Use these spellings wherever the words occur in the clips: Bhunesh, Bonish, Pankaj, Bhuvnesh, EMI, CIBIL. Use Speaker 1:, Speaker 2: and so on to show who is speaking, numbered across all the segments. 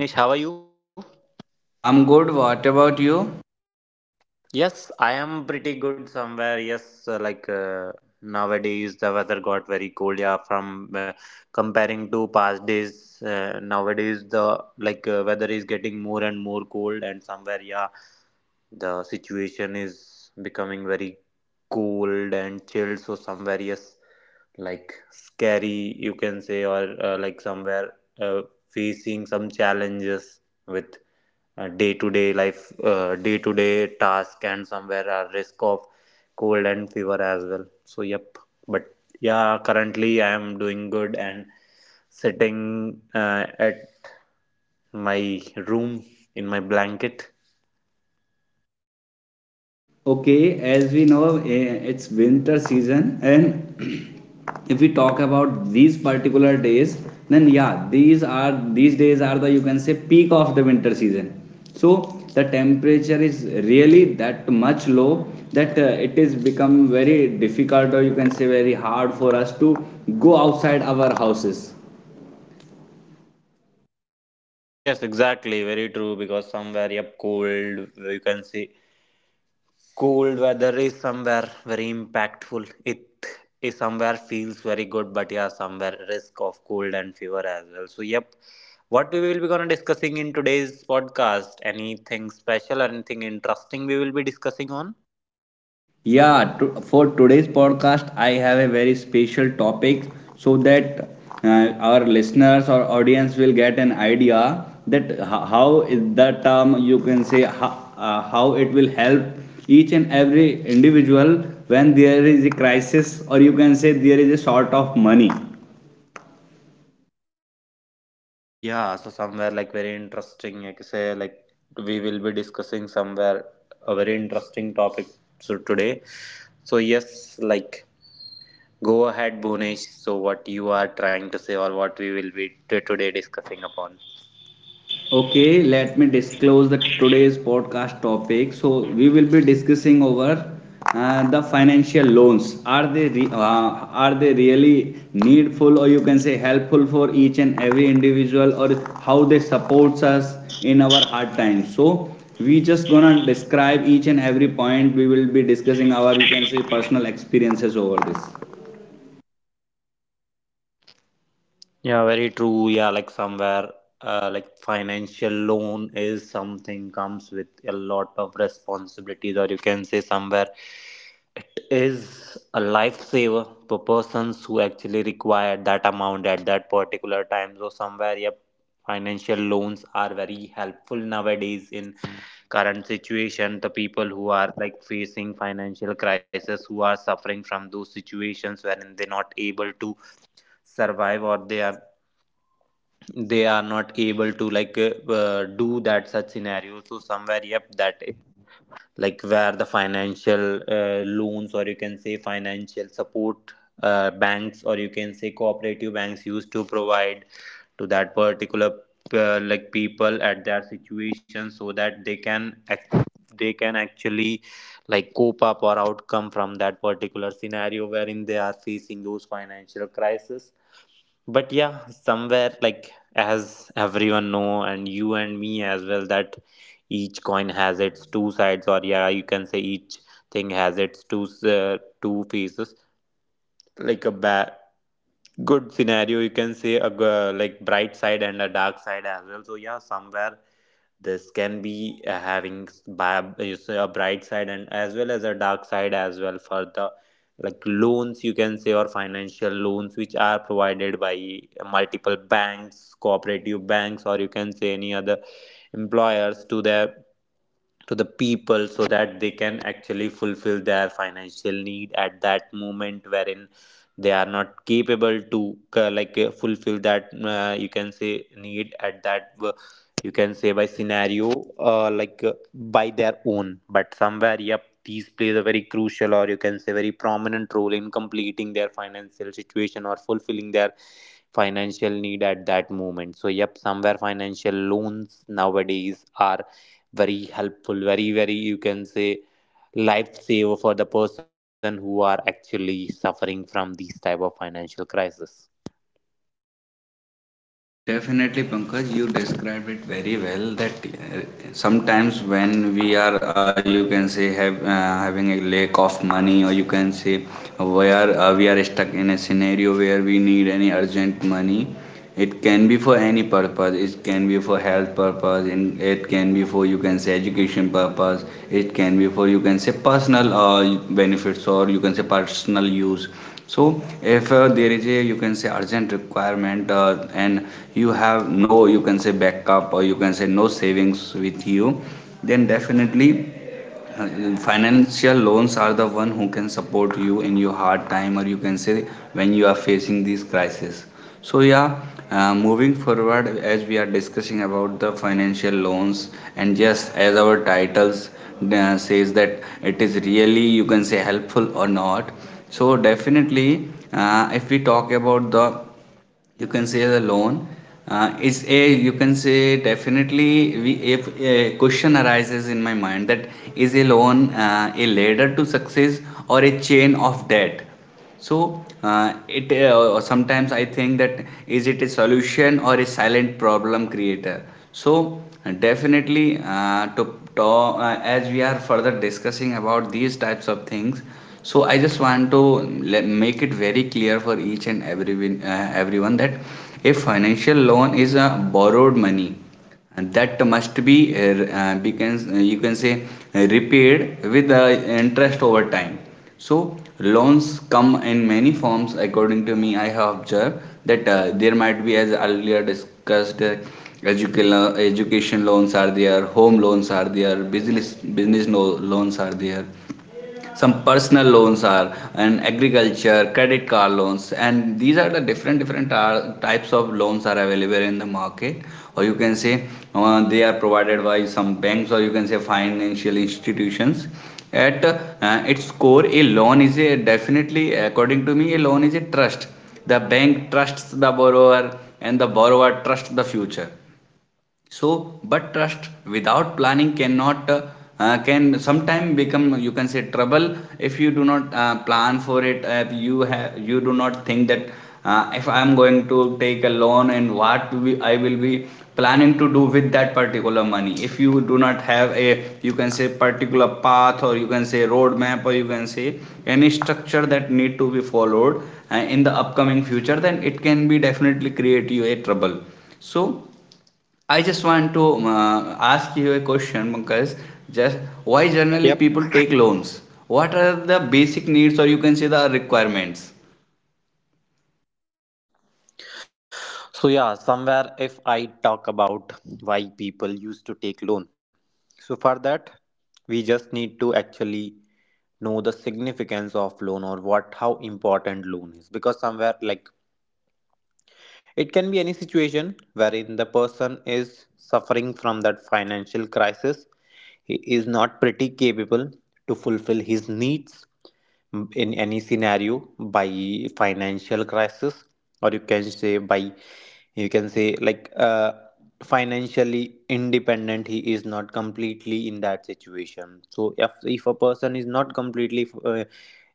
Speaker 1: Hello, Bonish. How are you?
Speaker 2: I'm good. What about you?
Speaker 1: Yes, I am pretty good somewhere. Yes, nowadays the weather got very cold. Yeah, from comparing to past days, nowadays the weather is getting more and more cold, and somewhere, yeah, the situation is becoming very cold and chilled, so somewhere, yes, like scary, you can say, or like somewhere uh, facing some challenges with day to day life, day to day task, and somewhere a risk of cold and fever as well. So yep, but yeah, currently I am doing good and sitting at my room, in my blanket.
Speaker 2: Okay, as we know, it's winter season, and if we talk about these particular days, then yeah, these days are the, you can say, peak of the winter season. So the temperature is really that much low that it is become very difficult, or you can say very hard for us to go outside our houses.
Speaker 1: Yes, exactly. Very true. Because somewhere, yep, cold, you can see, cold weather is somewhere very impactful. It is somewhere feels very good, but yeah, somewhere risk of cold and fever as well. So, yep, what we will be gonna discussing in today's podcast? Anything special or anything interesting we will be discussing on?
Speaker 2: Yeah, for today's podcast, I have a very special topic so that our listeners or audience will get an idea that how is the term, you can say, how it will help each and every individual when there is a crisis, or you can say there is a short of money.
Speaker 1: Yeah, so somewhere like very interesting, like say like we will be discussing somewhere a very interesting topic so today. So yes, like, go ahead, Bhunesh. So, what you are trying to say, or what we will be today discussing upon?
Speaker 2: Okay, let me disclose the today's podcast topic. So we will be discussing over the financial loans. Are they are they really needful, or you can say helpful for each and every individual, or how they supports us in our hard times? So we just gonna describe each and every point. We will be discussing our, you can say, personal experiences over this.
Speaker 1: Yeah, very true. Yeah, like somewhere, like financial loan is something comes with a lot of responsibilities, or you can say somewhere it is a lifesaver for persons who actually require that amount at that particular time. So somewhere, yep, financial loans are very helpful nowadays in current situation. The people who are like facing financial crisis, who are suffering from those situations wherein they're not able to survive, or they are not able to do that such scenario, so somewhere yep, that like where the financial loans, or you can say financial support, banks or you can say cooperative banks used to provide to that particular like people at their situation, so that they can actually like cope up or outcome from that particular scenario wherein they are facing those financial crisis. But yeah, somewhere like as everyone know, and you and me as well, that each coin has its two sides, or yeah, you can say each thing has its two faces, like a bad good scenario, you can say like bright side and a dark side as well. So yeah, somewhere this can be having you say a bright side and as well as a dark side as well for the like loans, you can say, or financial loans which are provided by multiple banks, cooperative banks, or you can say any other employers to their to the people so that they can actually fulfill their financial need at that moment wherein they are not capable to fulfill that you can say need at that you can say by scenario, by their own. But somewhere yep, these plays a very crucial or you can say very prominent role in completing their financial situation or fulfilling their financial need at that moment. So yep, somewhere financial loans nowadays are very helpful, very very, you can say, lifesaver for the person who are actually suffering from these type of financial crisis.
Speaker 2: Definitely, Pankaj, you described it very well. That sometimes when we are, you can say, having a lack of money, or you can say, we are stuck in a scenario where we need any urgent money. It can be for any purpose. It can be for health purpose, and it can be for, you can say, education purpose. It can be for, you can say, personal benefits, or you can say personal use. So if there is a, you can say, urgent requirement, and you have no, you can say, backup, or you can say no savings with you, then definitely uh, financial loans are the one who can support you in your hard time, or you can say when you are facing these crisis. So yeah, moving forward, as we are discussing about the financial loans, and yes, as our titles says that it is really, you can say, helpful or not. So definitely if we talk about the, you can say, the loan is a, you can say, definitely, we if a question arises in my mind that is a loan a ladder to success or a chain of debt. So it sometimes I think that, is it a solution or a silent problem creator? So definitely, to as we are further discussing about these types of things, so I just want to make it very clear for each and everyone, everyone, that if financial loan is a borrowed money, and that must be you can say repaid with interest over time. So loans come in many forms. According to me, I have observed that there might be, as earlier discussed, education loans are there, home loans are there, business business no, loans are there, some personal loans are, and agriculture, credit card loans, and these are the different different types of loans are available in the market, or you can say they are provided by some banks, or you can say financial institutions. At its core, a loan is a, definitely, according to me, a loan is a trust. The bank trusts the borrower and the borrower trusts the future. So but trust without planning cannot can sometime become, you can say, trouble. If you do not plan for it, you do not think that if I am going to take a loan, and I will be planning to do with that particular money, if you do not have a, you can say, particular path, or you can say roadmap, or you can say any structure that need to be followed in the upcoming future, then it can be definitely create you a trouble. So I just want to ask you a question, Pankaj. Just why generally people
Speaker 1: Yep.
Speaker 2: take loans? What are the basic needs, or you can say the requirements?
Speaker 1: So yeah, somewhere if I talk about why people used to take loan. So for that, we just need to actually know the significance of loan, or what how important loan is, because somewhere like it can be any situation wherein the person is suffering from that financial crisis. He is not pretty capable to fulfill his needs in any scenario by financial crisis, or you can say by you can say financially independent. He is not completely in that situation. So if a person is not completely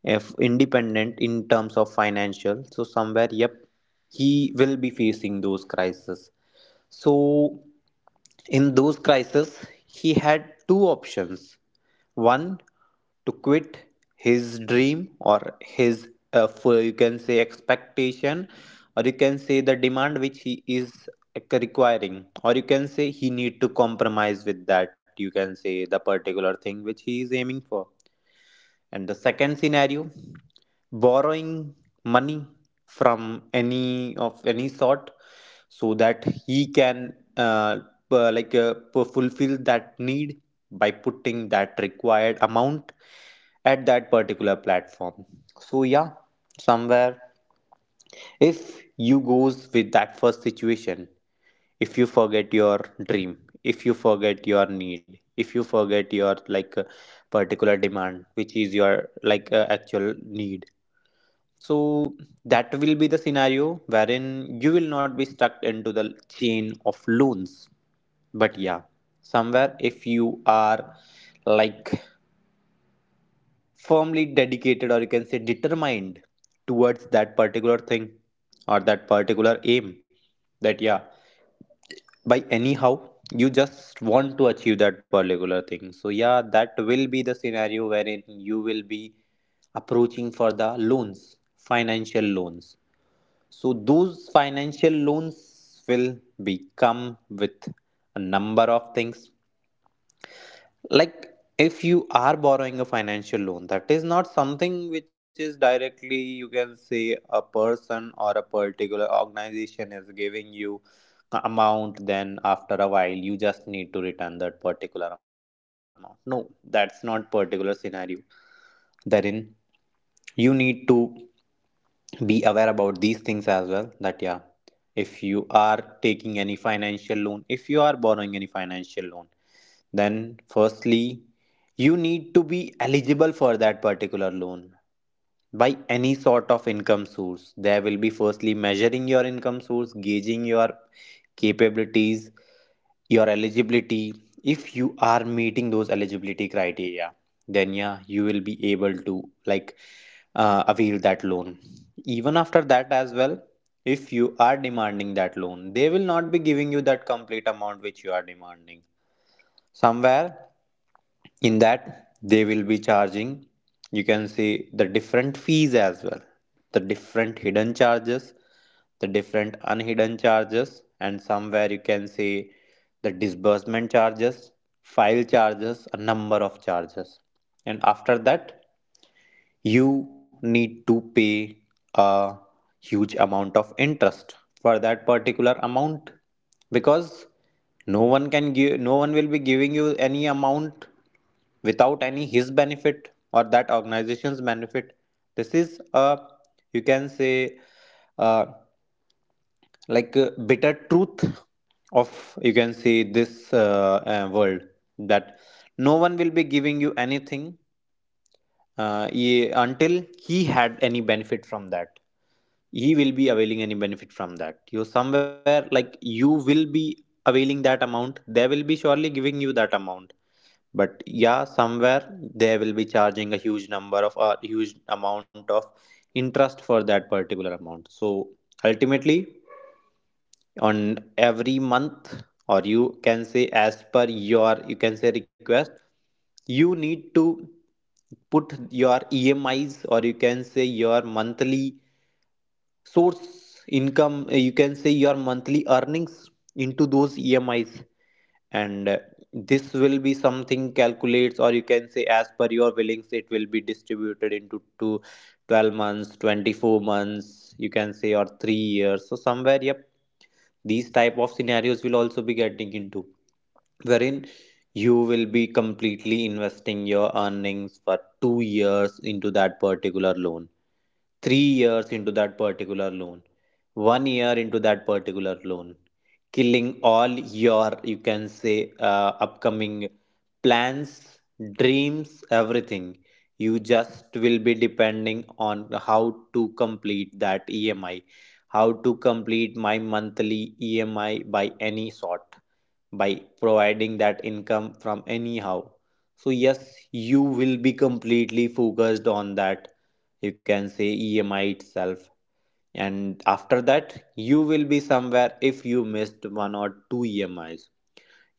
Speaker 1: if independent in terms of financial, so somewhere yep, he will be facing those crises. So in those crises he had two options. One, to quit his dream or his, for you can say, expectation, or you can say the demand which he is like requiring, or you can say he need to compromise with that, you can say the particular thing which he is aiming for. And the second scenario, borrowing money from any of any sort so that he can uh, like uh, fulfill that need by putting that required amount at that particular platform. So yeah, somewhere if you goes with that first situation, if you forget your dream, if you forget your need, if you forget your particular demand which is your actual need, so that will be the scenario wherein you will not be stuck into the chain of loans. But yeah, somewhere if you are like firmly dedicated, or you can say determined towards that particular thing, or that particular aim, that yeah, by anyhow you just want to achieve that particular thing, so yeah, that will be the scenario wherein you will be approaching for the loans, financial loans. So those financial loans will be come with a number of things. Like, if you are borrowing a financial loan, that is not something which is directly, you can say a person or a particular organization is giving you a amount, then after a while you just need to return that particular amount. No, that's not particular scenario therein. You need to be aware about these things as well, that yeah, if you are taking any financial loan, if you are borrowing any financial loan, then firstly you need to be eligible for that particular loan. By any sort of income source, there will be firstly measuring your income source, gauging your capabilities, your eligibility. If you are meeting those eligibility criteria, then yeah, you will be able to like avail that loan. Even after that as well, if you are demanding that loan, they will not be giving you that complete amount which you are demanding. Somewhere in that they will be charging, you can see, the different fees as well, the different hidden charges, the different unhidden charges, and somewhere you can see the disbursement charges, file charges, a number of charges. And after that, you need to pay a huge amount of interest for that particular amount. Because no one can give, no one will be giving you any amount without any his benefit or that organization's benefit. This is a, you can say, uh, like a bitter truth of, you can say, this world. That no one will be giving you anything, until he had any benefit from that, he will be availing any benefit from that. You somewhere like, you will be availing that amount, they will be surely giving you that amount. But yeah, somewhere they will be charging a huge number of a huge amount of interest for that particular amount. So ultimately on every month, or you can say as per your you can say request, you need to put your emis, or you can say your monthly source income, you can say your monthly earnings into those emis. And this will be something calculates, or you can say as per your willings, it will be distributed into two 12 months, 24 months you can say, or 3 years. So somewhere yep, these type of scenarios will also be getting into, wherein you will be completely investing your earnings for 2 years into that particular loan, 3 years into that particular loan, 1 year into that particular loan, killing all your, you can say, upcoming plans, dreams, everything. You just will be depending on how to complete that EMI, how to complete my monthly EMI by any sort, by providing that income from anyhow. So, yes, you will be completely focused on that. You can say EMI itself. And after that, you will be somewhere if you missed one or two EMIs,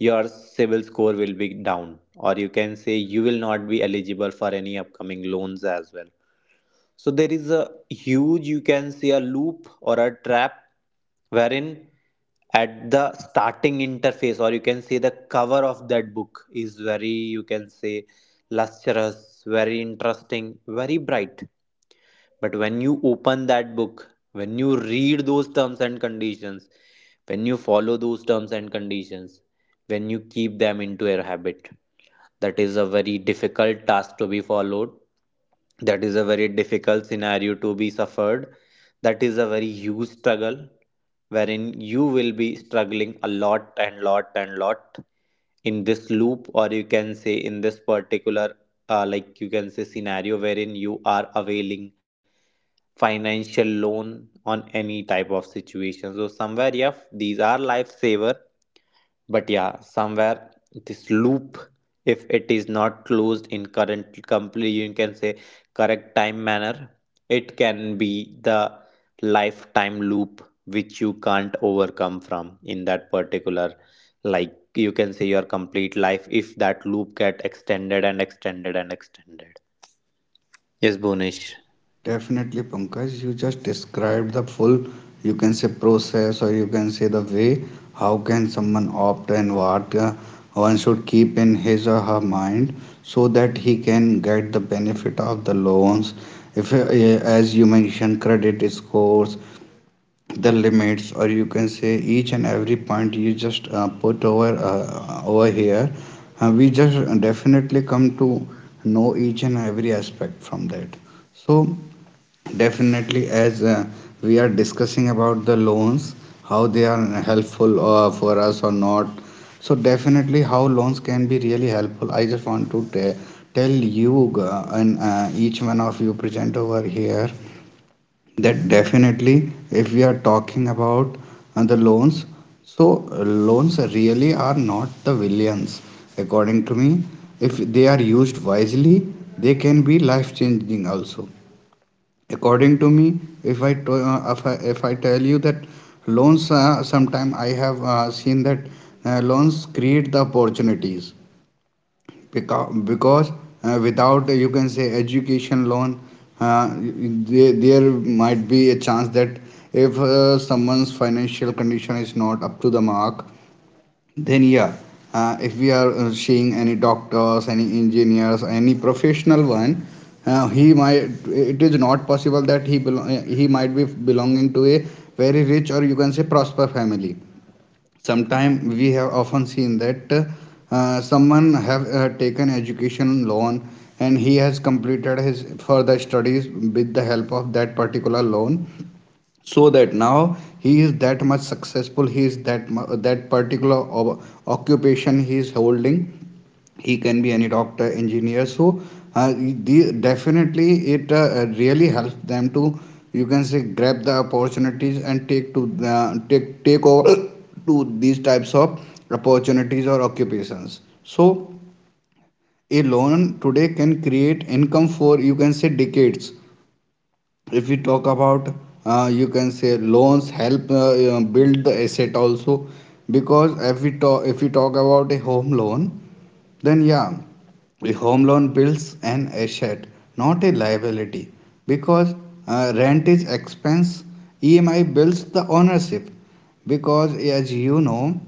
Speaker 1: your CIBIL score will be down, or you can say you will not be eligible for any upcoming loans as well. So there is a huge, you can say, a loop or a trap wherein at the starting interface, or you can say the cover of that book is very, you can say, lustrous, very interesting, very bright. But when you open that book, when you read those terms and conditions, when you follow those terms and conditions, when you keep them into your habit, that is a very difficult task to be followed. That is a very difficult scenario to be suffered. That is a very huge struggle wherein you will be struggling a lot and lot and lot in this loop, or you can say in this particular like you can say scenario, wherein you are availing financial loan on any type of situation. So somewhere, yeah, these are lifesaver, but yeah, somewhere this loop, if it is not closed in current complete, you can say correct time manner, it can be the lifetime loop which you can't overcome from, in that particular like you can say your complete life, if that loop get extended and extended and extended. Yes, Bonish.
Speaker 2: Definitely, Pankaj, you just described the full, you can say, process, or you can say the way how can someone opt, and what one should keep in his or her mind so that he can get the benefit of the loans. If, as you mentioned, credit scores, the limits, or you can say each and every point you just put over over here, we just definitely come to know each and every aspect from that. So definitely, as we are discussing about the loans, how they are helpful for us or not. So definitely, how loans can be really helpful, I just want to tell you, and each one of you present over here, that definitely, if we are talking about the loans, so loans really are not the villains, according to me. If they are used wisely, they can be life-changing also. According to me, if I to, if I tell you that loans, sometime I have seen that loans create the opportunities, because without you can say education loan, there might be a chance that if someone's financial condition is not up to the mark, then yeah, if we are seeing any doctors, any engineers, any professional one, he might, it is not possible that he might be belonging to a very rich, or you can say prosper family. Sometimes we have often seen that someone have taken education loan, and he has completed his further studies with the help of that particular loan, so that now he is that much successful, he is that particular occupation he is holding. He can be any doctor, engineer. So definitely it really helps them to, you can say, grab the opportunities and take over to these types of opportunities or occupations. So a loan today can create income for, you can say, decades. If we talk about you can say loans help build the asset also, because if we talk about a home loan, then yeah, a home loan builds an asset, not a liability, because rent is expense. EMI builds the ownership, because as you know,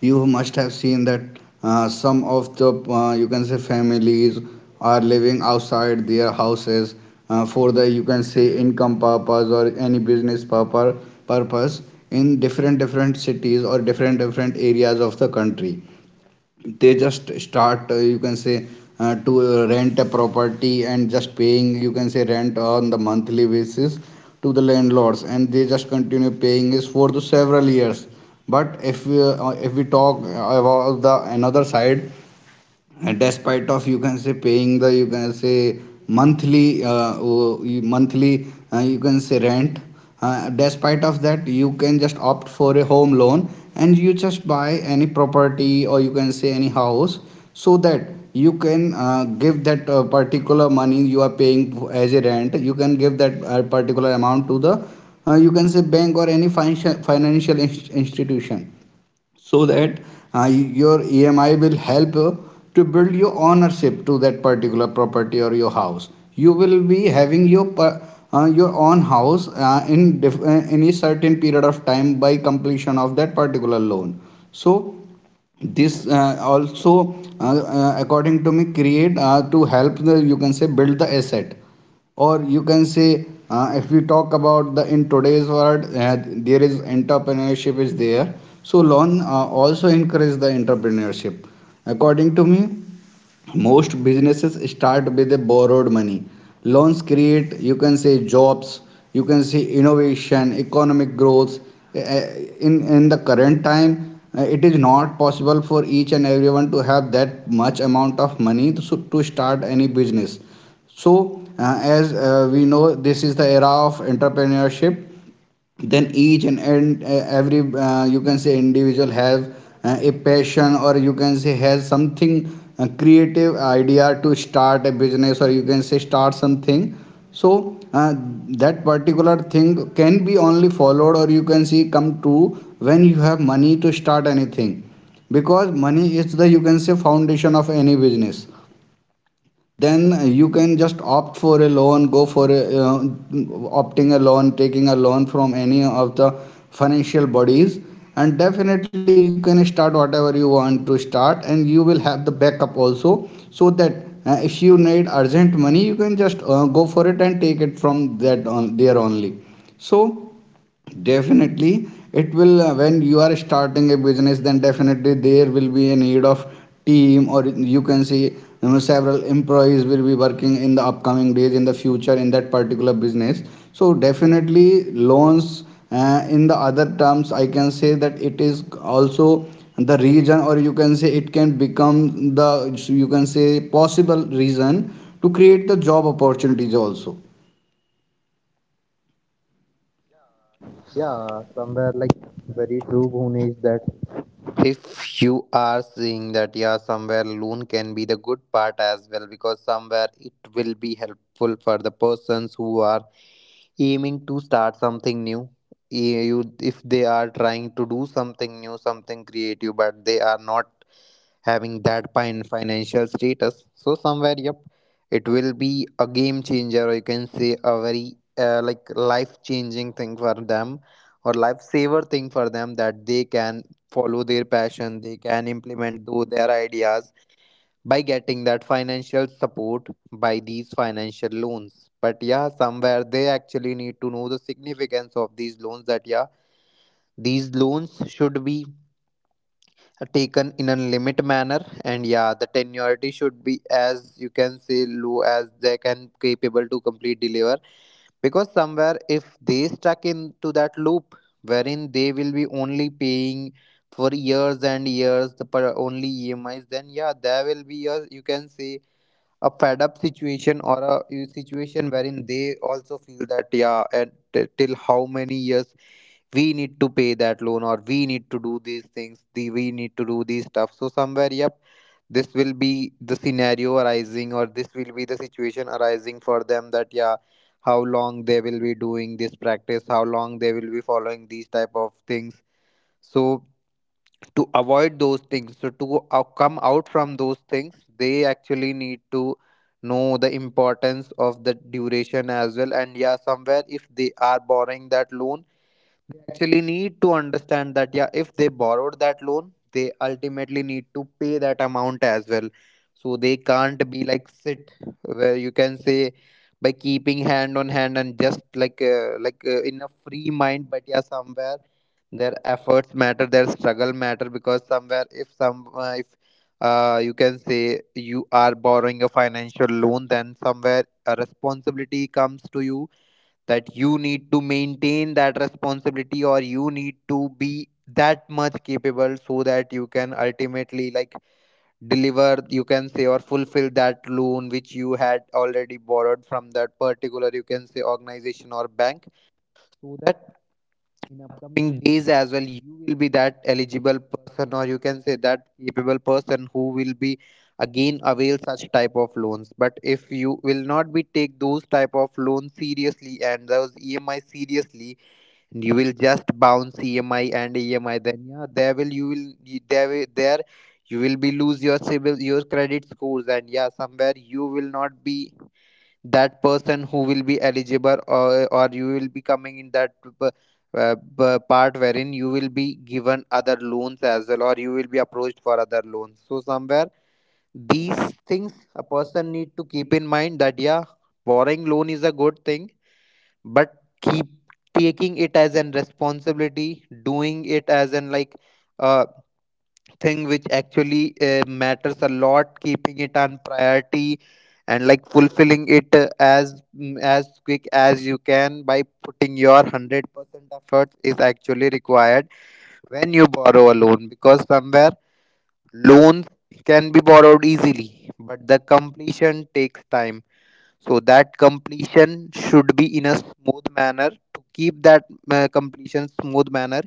Speaker 2: you must have seen that some of the, you can say, families are living outside their houses for the, you can say, income purpose or any business purpose purpose in different different cities or different different areas of the country. They just start you can say to rent a property and just paying, you can say, rent on the monthly basis to the landlords, and they just continue paying is for the several years. But if we talk about the another side, and despite of, you can say, paying the, you can say, monthly monthly you can say rent, despite of that, you can just opt for a home loan, and you just buy any property, or you can say any house, so that you can give that particular money you are paying as a rent, you can give that particular amount to the, you can say, bank, or any financial institution, so that your EMI will help to build your ownership to that particular property or your house. You will be having your your own house any certain period of time by completion of that particular loan. So this also according to me create to help the, you can say, build the asset, or you can say, if we talk about the in today's world, there is entrepreneurship is there, so loan also encourage the entrepreneurship, according to me. Most businesses start with a borrowed money. Loans create, you can say, jobs, you can say, innovation, economic growth. Uh, in the current time, it is not possible for each and everyone to have that much amount of money to start any business. So as we know, this is the era of entrepreneurship, then each and every you can say individual have a passion, or you can say, has something creative idea to start a business, or you can say, start something. So that particular thing can be only followed, or you can see, come true when you have money to start anything, because money is the, you can say, foundation of any business. Then you can just opt for a loan, go for a opting a loan, taking a loan from any of the financial bodies. And definitely you can start whatever you want to start, and you will have the backup also, so that if you need urgent money, you can just go for it and take it from that on there only. So definitely it will when you are starting a business, then definitely there will be a need of team, or you can see, you know, several employees will be working in the upcoming days, in the future, in that particular business. So definitely loans. In the other terms, I can say that it is also the reason, or you can say, it can become the, you can say, possible reason to create the job opportunities also.
Speaker 1: Yeah, somewhere like very true, Bhunesh, that if you are seeing that, yeah, somewhere loan can be the good part as well, because somewhere it will be helpful for the persons who are aiming to start something new. Eh, you, if they are trying to do something new, something creative, but they are not having that fine financial status. So somewhere, yep, it will be a game changer, or you can say a very like life changing thing for them, or lifesaver thing for them, that they can follow their passion, they can implement though their ideas by getting that financial support by these financial loans. But yeah, somewhere they actually need to know the significance of these loans. That yeah, these loans should be taken in a limit manner, and yeah, the tenuity should be as you can say low as they can capable to complete deliver, because somewhere if they stuck into that loop wherein they will be only paying for years and years the per only emis, then yeah, there will be a you can say a fed up situation, or a situation wherein they also feel that yeah, and till how many years we need to pay that loan, or we need to do these things, the we need to do these stuff. So somewhere, yep, this will be the scenario arising, or this will be the situation arising for them that yeah, how long they will be doing this practice, how long they will be following these type of things. So to avoid those things, so to come out from those things, they actually need to know the importance of the duration as well. And yeah, somewhere if they are borrowing that loan, they actually need to understand that, yeah, if they borrowed that loan, they ultimately need to pay that amount as well. So they can't be like sit where you can say by keeping hand on hand and just like in a free mind, but yeah, somewhere their efforts matter, their struggle matter, because somewhere if some if you can say you are borrowing a financial loan, then somewhere a responsibility comes to you that you need to maintain that responsibility, or you need to be that much capable so that you can ultimately like deliver, you can say, or fulfill that loan which you had already borrowed from that particular you can say organization or bank. So that in upcoming days as well, you will be that eligible person, or you can say that capable person who will be again avail such type of loans. But if you will not be take those type of loans seriously and those emi seriously, and you will just bounce emi and emi, then yeah, there will you will there you will be lose your civil, your credit scores. And yeah, somewhere you will not be that person who will be eligible, or you will be coming in that part wherein you will be given other loans as well, or you will be approached for other loans. So somewhere these things a person need to keep in mind that yeah, borrowing loan is a good thing, but keep taking it as an responsibility, doing it as an like uh, thing which actually matters a lot, keeping it on priority and like fulfilling it as as quick as you can by putting your 100% efforts is actually required when you borrow a loan, because somewhere loans can be borrowed easily, but the completion takes time. So that completion should be in a smooth manner. To keep that completion smooth manner,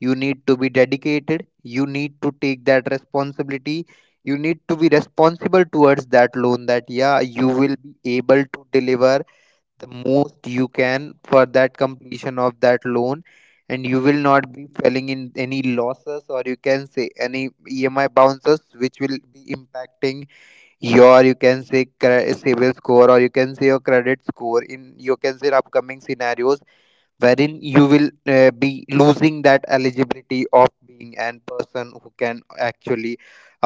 Speaker 1: you need to be dedicated, you need to take that responsibility, you need to be responsible towards that loan, that yeah, you will be able to deliver the most you can for that completion of that loan. And you will not be falling in any losses, or you can say any emi bounces, which will be impacting your you can say civil score, or you can say your credit score, in you can say upcoming scenarios, wherein you will be losing that eligibility of being an person who can actually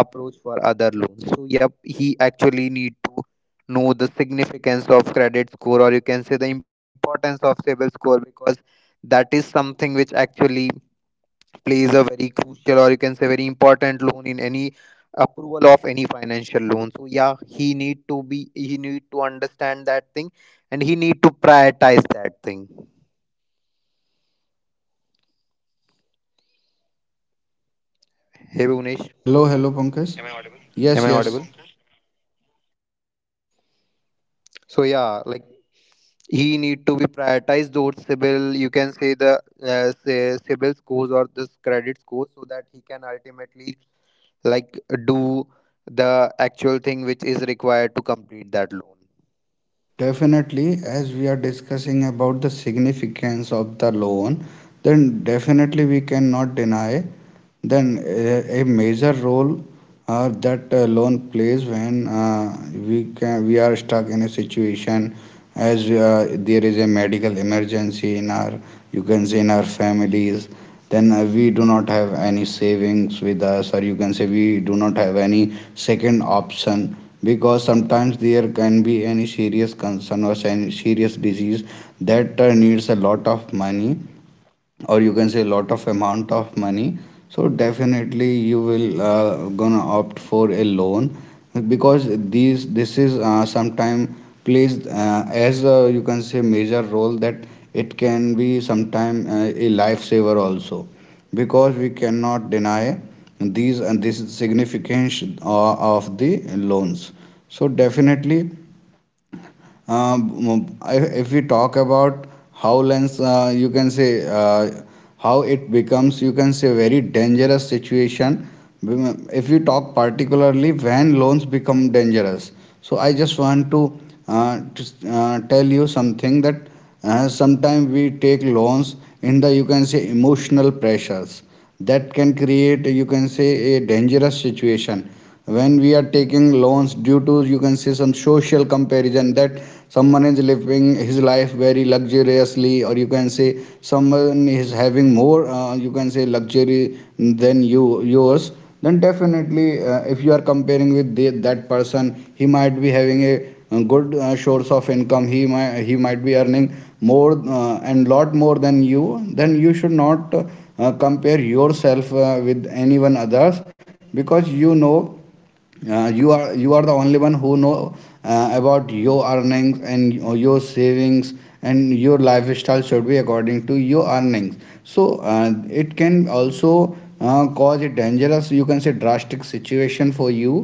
Speaker 1: approach for other loans. So yep, he actually need to know the significance of credit score, or you can say the importance of civil score, because that is something which actually plays a very crucial, or you can say very important loan in any approval of any financial loan. So yeah, he need to be, he need to understand that thing, and he need to prioritize that thing. Hey Bhuvnesh,
Speaker 2: Hello, hello, Pankaj.
Speaker 1: am
Speaker 2: Yes,
Speaker 1: I
Speaker 2: yes.
Speaker 1: audible? So yeah, like he need to be prioritized those CIBIL, you can say the say CIBIL scores, or this credit score, so that he can ultimately like do the actual thing which is required to complete that loan.
Speaker 2: Definitely, as we are discussing about the significance of the loan, then definitely we cannot deny then a major role that loan plays when we are stuck in a situation, as there is a medical emergency in our, you can say, in our families. Then we do not have any savings with us, or you can say, we do not have any second option, because sometimes there can be any serious concern or any serious disease that needs a lot of money, or you can say, lot of amount of money. So definitely you will gonna opt for a loan, because these this is sometime plays as a, you can say, major role, that it can be sometime a lifesaver also, because we cannot deny these, and this significance of the loans. So definitely, if we talk about how lens, you can say, how it becomes, you can say, very dangerous situation. If you talk particularly when loans become dangerous, so I just want to tell you something, that sometimes we take loans in the, you can say, emotional pressures that can create, you can say, a dangerous situation. When we are taking loans due to, you can say, some social comparison, that someone is living his life very luxuriously, or you can say, someone is having more, you can say, luxury than you yours, then definitely if you are comparing with that person, he might be having a good source of income. He might he might be earning more and lot more than you, then you should not compare yourself with anyone others, because, you know, you are the only one who know about your earnings and your savings. And your lifestyle should be according to your earnings. So it can also cause a dangerous, you can say, drastic situation for you,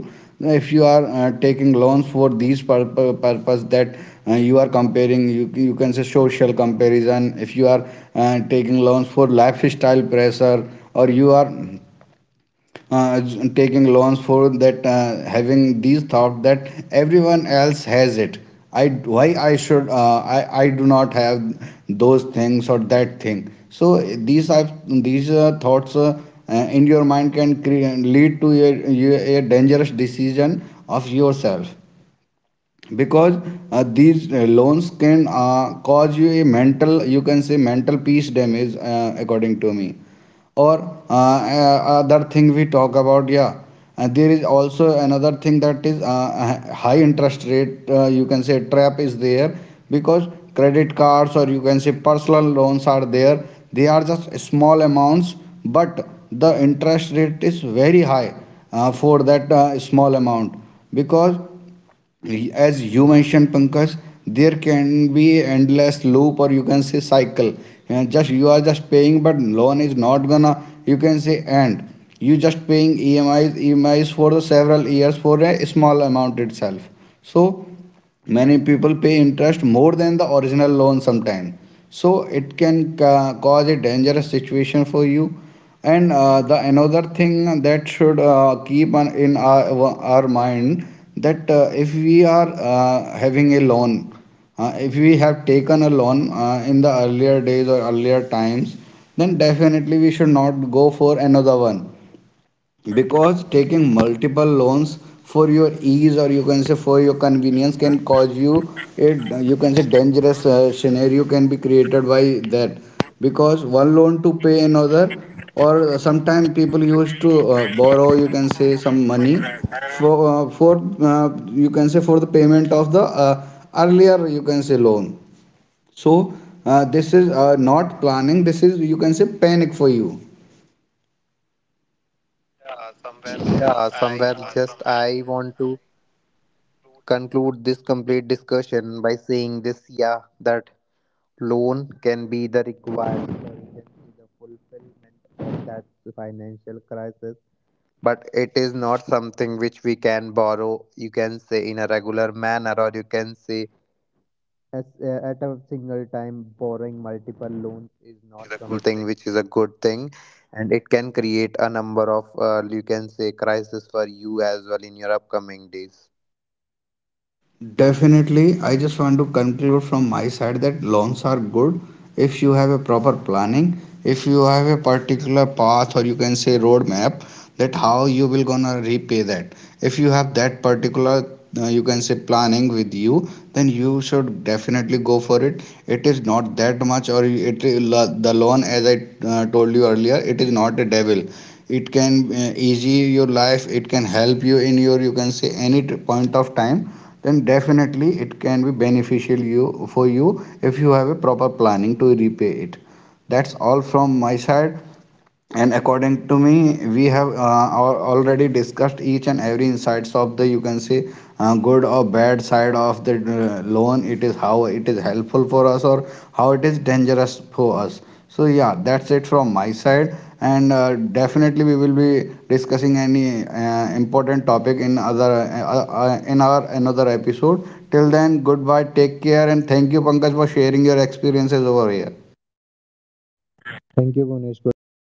Speaker 2: if you are taking loans for these purpose, that you are comparing you can say social comparison, if you are taking loans for lifestyle pressure, or you are uh, taking loans for that having these thought that everyone else has it. I why I should I do not have those things or that thing. So these are these thoughts in your mind can lead to a a dangerous decision of yourself, because these loans can cause you a mental, you can say, mental peace damage, according to me. Or other thing we talk about, yeah, there is also another thing, that is high interest rate, you can say, trap is there, because credit cards, or you can say, personal loans are there, they are just small amounts, but the interest rate is very high for that small amount. Because, as you mentioned, Pankaj, there can be endless loop, or you can say, cycle, and just you are just paying, but loan is not gonna, you can say, end. You just paying EMIs, EMIs for the several years for a small amount itself. So many people pay interest more than the original loan sometimes, so it can cause a dangerous situation for you. And the another thing that should keep on in our mind, that if we are having a loan, if we have taken a loan in the earlier days or earlier times, then definitely we should not go for another one, because taking multiple loans for your ease, or you can say, for your convenience, can cause you it you can say dangerous scenario can be created by that. Because one loan to pay another, or sometimes people used to borrow, you can say, some money for you can say for the payment of the earlier, you can say, loan. So this is not planning, this is, you can say, panic for you. Yeah, somewhere, yes,
Speaker 1: Yeah,
Speaker 2: I want
Speaker 1: somewhere
Speaker 2: to
Speaker 1: just I want to
Speaker 2: include this.
Speaker 1: conclude this complete discussion by saying this, yeah, that loan can be the required solution to the fulfillment of that financial crisis. But it is not something which we can borrow, you can say, in a regular manner, or you can say as, at a single time borrowing multiple loans is not something which is a good thing, and it can create a number of you can say crisis for you as well in your upcoming days.
Speaker 2: Definitely, I just want to conclude from my side that loans are good if you have a proper planning, if you have a particular path, or you can say, roadmap, that how you will gonna repay that. If you have that particular you can say planning with you, then you should definitely go for it. It is not that much, or it the loan, as I told you earlier, it is not a devil. It can easy your life, it can help you in your, you can say, any point of time, then definitely it can be beneficial you for you if you have a proper planning to repay it. That's all from my side. And according to me, we have already discussed each and every insights of the, you can say, good or bad side of the loan, it is how it is helpful for us, or how it is dangerous for us. So yeah, that's it from my side. And definitely we will be discussing any important topic in other in our another episode. Till then, goodbye, take care, and thank you, Pankaj, for sharing your experiences over here.
Speaker 1: Thank you Gunesh, goodbye.